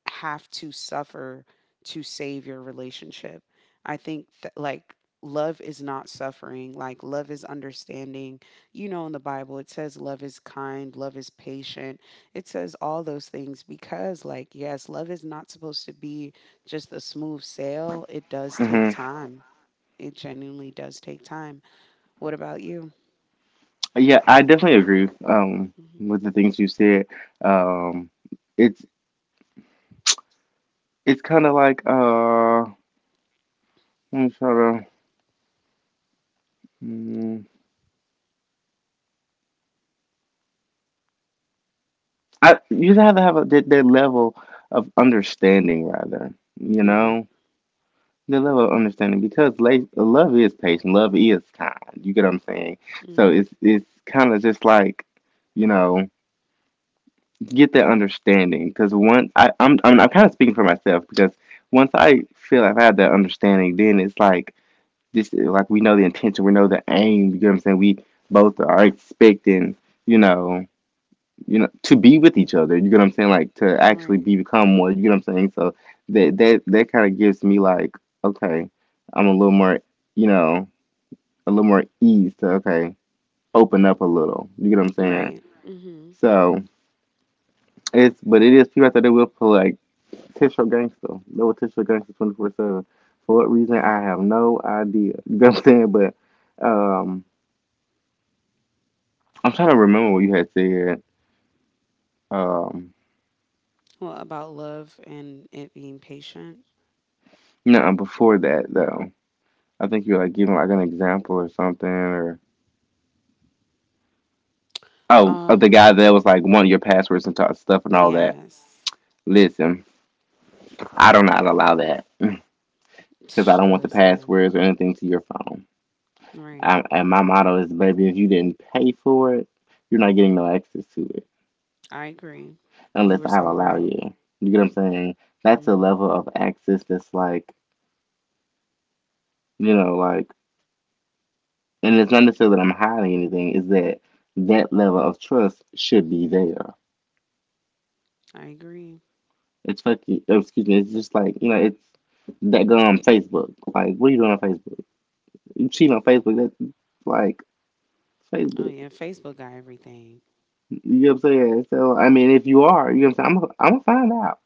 B: have to suffer to save your relationship. I think that like love is not suffering, like love is understanding. You know in the Bible it says love is kind, love is patient. It says all those things because like yes, love is not supposed to be just a smooth sail. It does take
A: Hmm.
B: time. It genuinely does take time. What about you?
A: Yeah, I definitely agree,
B: Mm-hmm.
A: with the things you said. Um it's it's kind of like. I'm trying to mm, I You have to have their level of understanding, rather. You
B: All right.
A: know, their level of understanding, because love is patient, love is kind. You get what I'm saying? So
B: Mm-hmm.
A: it's kind of just like, you know, get that understanding, because once I I'm kind of speaking for myself. Because once I feel I've had that understanding, then it's like this, like, we know the intention, we know the aim. You get what I'm saying? We both are expecting, you know to be with each other. You get what I'm saying? Like, to
B: All
A: actually
B: right.
A: be become one. You get what I'm saying? So that kind of gives me like, okay, I'm a little more, you know, a little more ease to, okay, open up a little. You get what I'm
B: All
A: saying?
B: right. Mm-hmm.
A: So it's but it is people out there that will pull like Tisho Gangsta. They No Tisho Gangsta 24/7. For what reason, I have no idea. You get what I'm saying? But um, I'm trying to remember what you had said. Um,
B: Well, about love and it being patient.
A: no, before that though. I think you like give them like an example or something, of the
B: Um,
A: guy that
B: mm,
A: was like one of your passwords and t- stuff and all that.
B: yes.
A: Listen, I do not allow that, because I don't want the
B: Listen,
A: passwords or anything to your phone.
B: right.
A: And my motto is, baby, if you didn't pay for it, you're not getting no access to it
B: I agree. You
A: unless
B: were
A: I
B: so
A: allow
B: right.
A: you. You get what I'm saying? That's a
B: Hmm.
A: level of access that's like, you know, like, and it's not necessarily that I'm hiding anything. Is that that level of trust should be there.
B: I agree.
A: It's oh, excuse me, it's just like, you know, it's that girl on Facebook. Like, what are you doing on Facebook? You cheating on Facebook? That's like
B: Oh,
A: Facebook.
B: yeah. Facebook got everything.
A: You know what I'm saying? So, I mean, if you are, you know what I'm saying? I'm going to find out,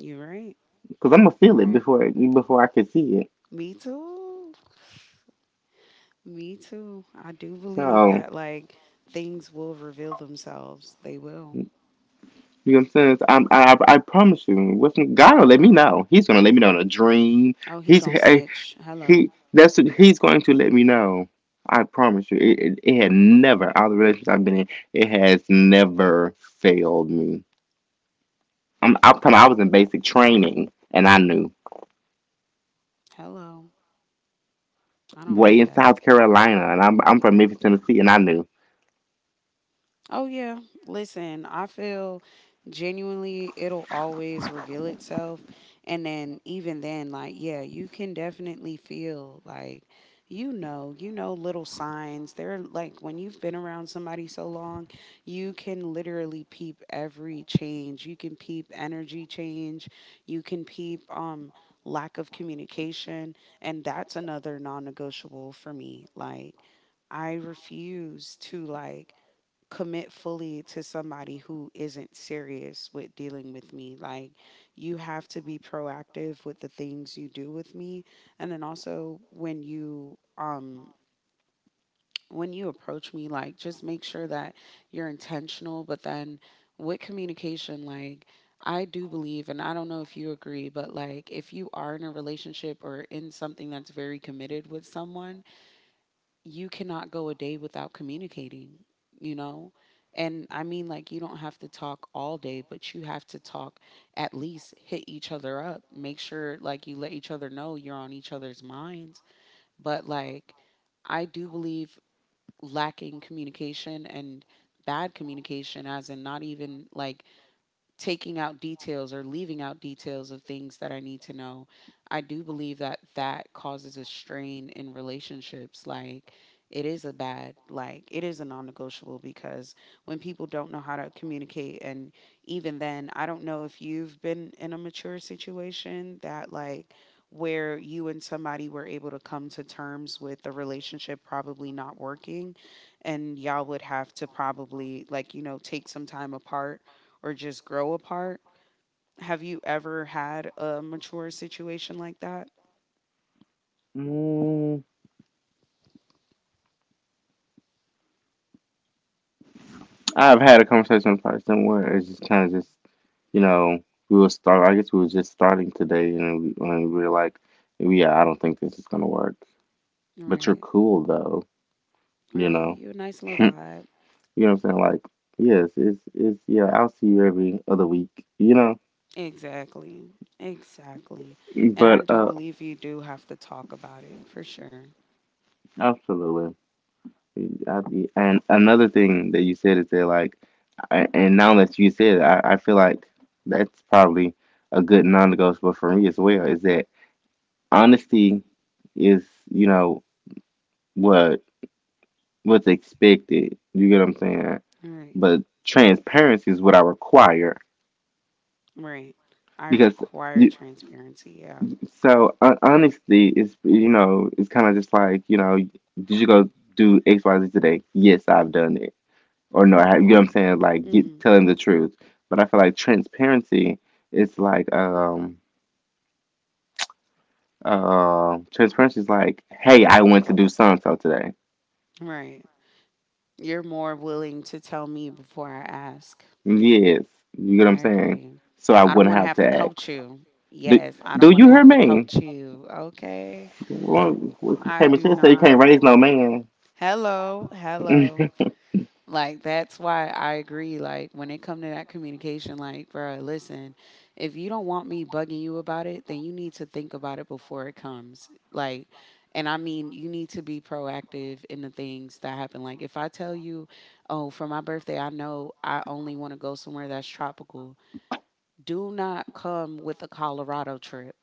B: You right.
A: because I'm going to
B: You
A: feel it
B: right.
A: before I can see it.
B: Me too. Me too. I do believe
A: So,
B: that, like, things will reveal themselves. They will.
A: you know what I'm saying? So I promise you, God will let me know. He's going to let me know in a dream.
B: Oh, he
A: He's,
B: gonna snitch.
A: He
B: Hello.
A: that's he's going to let me know. I promise you, it had never out of the relationships I've been in, it has never failed me. I'm talking. I was in basic training, and I knew.
B: Hello. I don't
A: Way
B: play
A: in
B: that.
A: South Carolina, and I'm from Memphis, Tennessee, and I knew.
B: Oh yeah. Listen, I feel genuinely it'll always reveal itself, and then even then like yeah, you can definitely feel like you know little signs. They're like when you've been around somebody so long, you can literally peep every change. You can peep energy change. You can peep lack of communication, and that's another non-negotiable for me. Like I refuse to like commit fully to somebody who isn't serious with dealing with me. Like, you have to be proactive with the things you do with me. And then also, when you approach me, like, just make sure that you're intentional. But then with communication, like, I do believe, and I don't know if you agree, but like, if you are in a relationship or in something that's very committed with someone, you cannot go a day without communicating, you know? And I mean, like, you don't have to talk all day, but you have to talk, at least hit each other up. Make sure, like, you let each other know you're on each other's minds. But, like, I do believe lacking communication and bad communication, as in not even like taking out details or leaving out details of things that I need to know, I do believe that that causes a strain in relationships. Like, it is a bad, like, it is a non negotiable, because when people don't know how to communicate, and even then, I don't know if you've been in a mature situation that, like, where you and somebody were able to come to terms with the relationship probably not working, and y'all would have to probably, like, you know, take some time apart or just grow apart. Have you ever had a mature situation like that?
A: Mm, I've had a conversation with a person where it's just kind of just, you know, we were start. I guess we were just starting today, and we were like, yeah, I don't think this is gonna work. But you're
B: Right.
A: cool though, you
B: Right.
A: know.
B: You a nice little vibe.
A: You know what I'm saying? Like, yes, it's yeah. I'll see you every other week. You know,
B: Exactly. Exactly. And I
A: but
B: do believe you do have to talk about it for sure.
A: absolutely. I, and another thing that you said is that, like, and now that you said it, I feel like that's probably a good non-negotiable for me as well. Is that honesty is, what what's expected. You get what I'm saying?
B: Right.
A: But transparency is what I require,
B: Right. I
A: because
B: require
A: you.
B: transparency. Yeah.
A: So honesty is, it's kind of just like, did you go do X, Y, Z today? Yes, I've done it. Or no, I have, you know what I'm saying? Like,
B: Hmm.
A: telling the truth. But I feel like is like, um, transparency is like, hey, I went to do so and so today.
B: Right. You're more willing to tell me before I ask.
A: Yes, you get what I'm
B: I
A: saying?
B: agree.
A: So I
B: I don't
A: wouldn't
B: want to
A: have
B: have
A: to
B: to
A: ask.
B: coach you.
A: Do,
B: Yes, I
A: do
B: don't want
A: you
B: to
A: hear
B: have to
A: me?
B: coach you. Okay.
A: Well, okay,
B: I do
A: Michelle said you can't
B: not.
A: raise no man.
B: Hello, hello. Like that's why I agree. Like when it come to that communication, like bro, listen, if you don't want me bugging you about it, then you need to think about it before it comes. Like, and I mean, you need to be proactive in the things that happen. Like if I tell you, oh, for my birthday, I know I only want to go somewhere that's tropical. Do not come with a Colorado trip.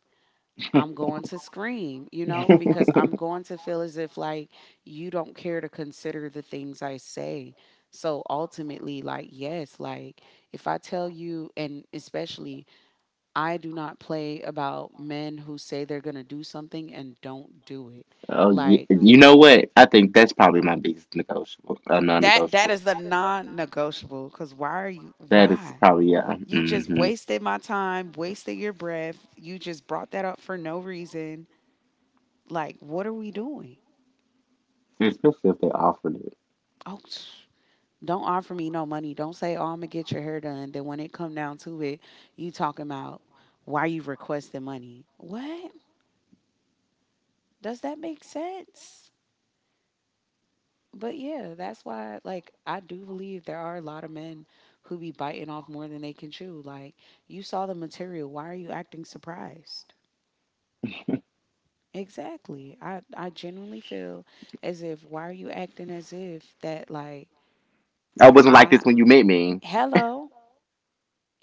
B: I'm going to scream, you know, because I'm going to feel as if like you don't care to consider the things I say. So ultimately, like, yes, like if I tell you, and especially I do not play about men who say they're going to do something and don't do it.
A: Oh, yeah,
B: Like
A: so you know what? I think that's probably my biggest
B: that, that
A: non-negotiable.
B: is the non negotiable, because why are you,
A: That is
B: why?
A: probably yeah.
B: You just
A: Hmm.
B: wasted my time, wasted your breath. You just brought that up for no reason. Like, what are we doing?
A: Especially if they offered it.
B: Oh, don't offer me no money. Don't say, "Oh, I'm gonna get your hair done." Then when it come down to it, you talking about why you requesting money? What does that make sense? But yeah, that's why. Like, I do believe there are a lot of men who be biting off more than they can chew. Like, you saw the material. Why are you acting surprised? Exactly. I genuinely feel as if why are you acting as if that like
A: I wasn't like this
B: I
A: when you met me.
B: hello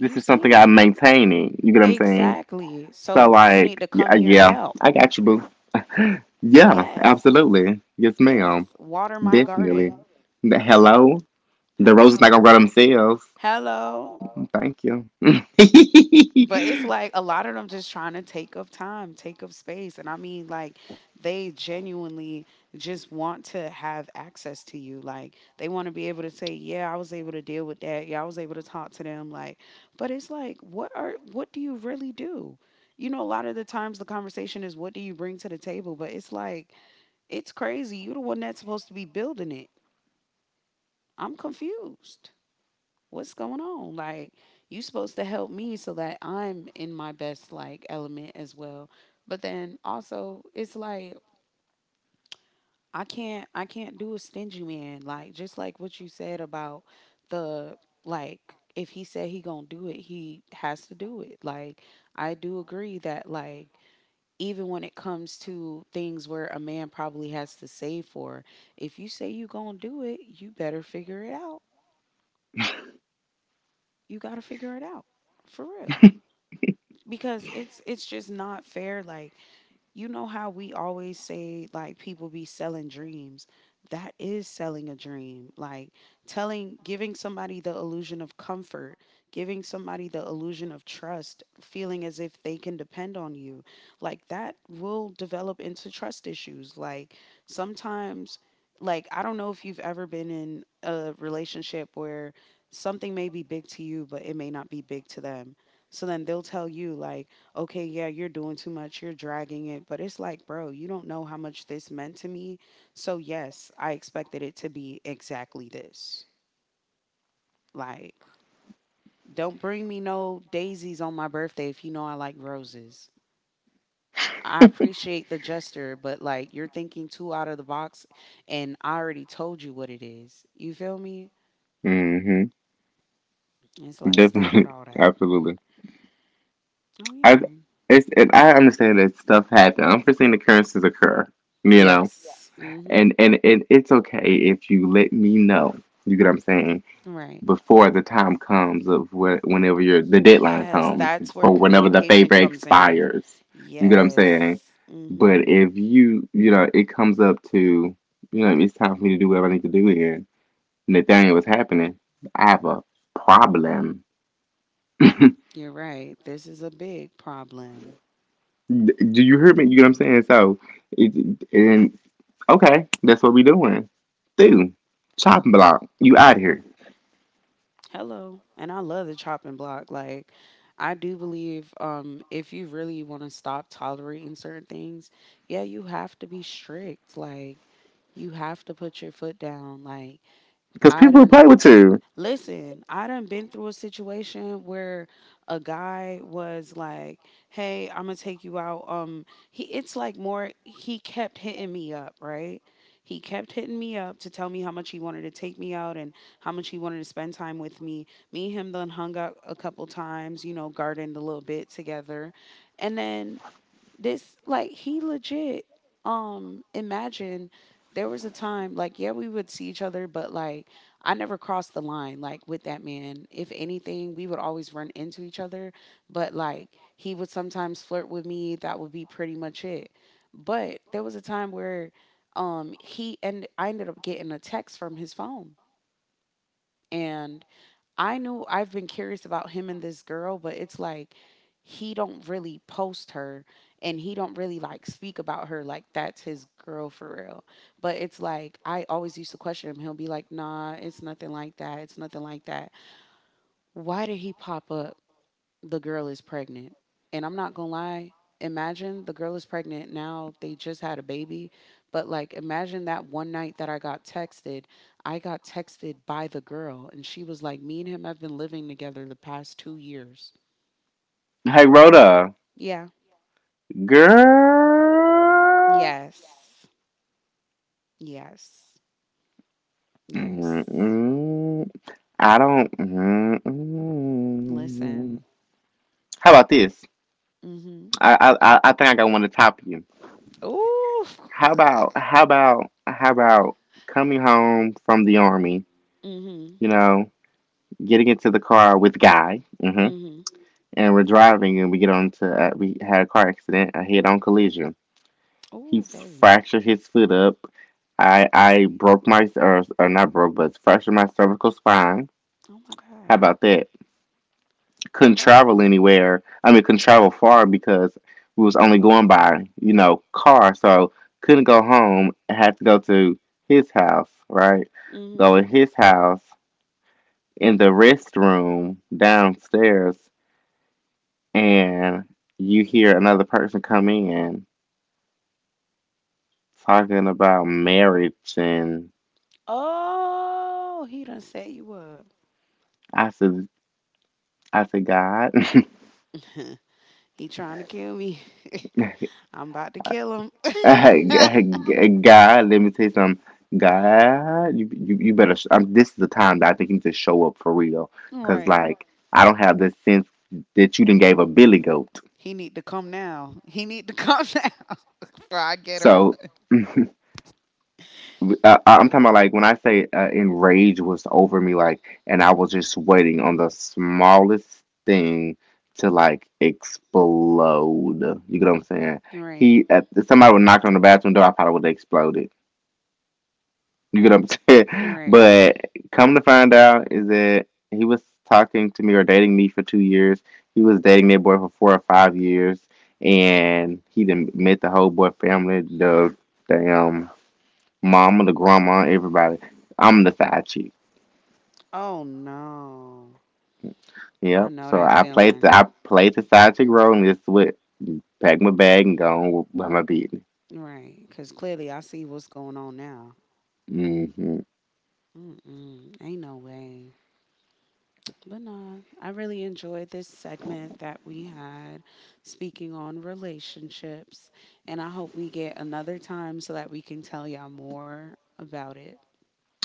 A: This is something
B: seen
A: I'm
B: it.
A: maintaining. You get what I'm saying?
B: Exactly.
A: So
B: So you need
A: like,
B: to come
A: yeah,
B: here and
A: yeah,
B: help.
A: I got you, boo. Yeah,
B: Yes.
A: absolutely. Yes,
B: Yes.
A: ma'am.
B: Water my
A: Definitely.
B: garden.
A: Hello. The roses not
B: Hello.
A: gonna grow themselves.
B: Hello.
A: Thank you.
B: But it's like a lot of them just trying to take up time, take up space. And I mean, like, they genuinely just want to have access to you. Like, they want to be able to say, yeah, I was able to deal with that. Yeah, I was able to talk to them. Like, but it's like, what are, what do you really do? You know, a lot of the times the conversation is, what do you bring to the table? But it's like, it's crazy. You're the one that's supposed to be building it. I'm confused. What's going on? Like, you supposed to help me so that I'm in my best like element as well. But then also, it's like I can't do a stingy man. Like just like what you said about the like if he said he gonna do it, he has to do it. Like I do agree that like even when it comes to things where a man probably has to save for, if you say you gonna do it, you better figure it out. You gotta figure it out for real, because it's just not fair. Like, you know how we always say like people be selling dreams. That is selling a dream, like telling giving somebody the illusion of comfort, giving somebody the illusion of trust, feeling as if they can depend on you, like that will develop into trust issues, like sometimes. Like I don't know if you've ever been in a relationship where something may be big to you but it may not be big to them. So then they'll tell you like, okay, yeah, you're doing too much, you're dragging it. But it's like, bro, you don't know how much this meant to me. So, yes, I expected it to be exactly this. Like, don't bring me no daisies on my birthday if you know I like roses. I appreciate the gesture, but like, you're thinking too out of the box, and I already told you what it is. You feel me?
A: Hmm.
B: It's like, stop with
A: Definitely,
B: all that.
A: absolutely.
B: Oh,
A: I
B: yeah.
A: it's and I understand that stuff happens. Unforeseen occurrences occur, you know,
B: Yes. Mm-hmm.
A: and it's okay if you let me know. You get what I'm saying?
B: Right.
A: Before the time comes of whenever your the deadline
B: Yes,
A: comes
B: that's where
A: for whenever the
B: communication
A: favor
B: comes in.
A: expires. You get what I'm saying?
B: Yes.
A: But
B: Mhm.
A: if you know it comes up to it's time for me to do what I need to do here. Nathaniel was happening. I have a problem.
B: You're right. This is a big problem.
A: Do you hear me? You know what I'm saying? So, it, and okay, that's what we doing. Dude, chopping block, you out here.
B: Hello. And I love the chopping block, like I do believe if you really want to stop tolerating certain things, yeah, you have to be strict, like you have to put your foot down, like
A: Because
B: I
A: people play
B: done—
A: with you.
B: Listen, I done been through a situation where a guy was like, "Hey, I'm gonna take you out." He, it's like more, he kept hitting me up, right? He kept hitting me up to tell me how much he wanted to take me out and how much he wanted to spend time with me. Me and him done hung out a couple times, you know, gardened a little bit together, and then this, like he legit, imagine, there was a time like, yeah, we would see each other but like I never crossed the line like with that man. If anything, we would always run into each other, but like he would sometimes flirt with me. That would be pretty much it. But there was a time where he and I ended up getting a text from his phone, and I knew I've been curious about him and this girl, but it's like he don't really post her and he don't really like speak about her like that's his girl for real. But it's like I always used to question him. He'll be like, "Nah, it's nothing like that. It's nothing like that." Why did he pop up? The girl is pregnant. And I'm not gonna lie, imagine, the girl is pregnant now, they just had a baby. But like imagine that one night that I got texted by the girl and she was like, me and him have been living together the past 2 years.
A: Hey, Rhoda,
B: Yeah.
A: girl.
B: Yes. Yes. Yes.
A: Mm-mm, I don't. Mm-mm.
B: Listen.
A: How about this?
B: Mm-hmm.
A: I think I got one to top you.
B: Ooh.
A: How about how about how about coming home from the army?
B: Mm-hmm.
A: You know, getting into the car with guy. Mm-hmm.
B: Mm-hmm.
A: And we're driving, and we get onto we had a car accident, a head on collision. He
B: Ooh, baby.
A: fractured his foot up. I broke my or not broke but fractured my cervical spine.
B: Oh my
A: How
B: God.
A: about that? Couldn't travel
B: Oh.
A: anywhere. I mean, couldn't travel far because we was only going by car, so couldn't go home. Had to go to his house, right?
B: Mm-hmm.
A: Go in his house in the restroom downstairs, and you hear another person come in talking about marriage, and
B: Oh, he done set you up.
A: I said I said God.
B: He trying to kill me. I'm about to kill him.
A: God, let me tell you something. God, you better this is the time that I think you need to show up for real, because
B: Right.
A: like I don't have the sense that you didn't gave a billy goat,
B: He need to come now. He need to come now, before I get him.
A: so I'm talking about, like, when I say enrage was over me, like, and I was just waiting on the smallest thing to like explode. You get what I'm saying?
B: Right.
A: If somebody would knock on the bathroom door, I probably would have exploded. You get what I'm saying?
B: Right.
A: But come to find out, is that he was talking to me or dating me for 2 years. He was dating that boy for 4 or 5 years, and he done met the whole boy family, the damn mama, the grandma, everybody. I'm the side chick.
B: Oh no. I
A: Yep.
B: know
A: So
B: that
A: I played the
B: feeling.
A: I played the side chick role and just went pack my bag and go on with my business.
B: Right. Cause clearly I see what's going on now.
A: Hmm.
B: Mm-mm. Ain't no way. But nah, I really enjoyed this segment that we had, speaking on relationships. And I hope we get another time so that we can tell y'all more about it.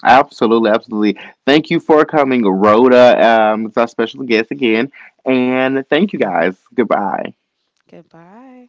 A: Absolutely, absolutely. Thank you for coming, Rhoda. It's our special guest again, and thank you guys. Goodbye.
B: Goodbye.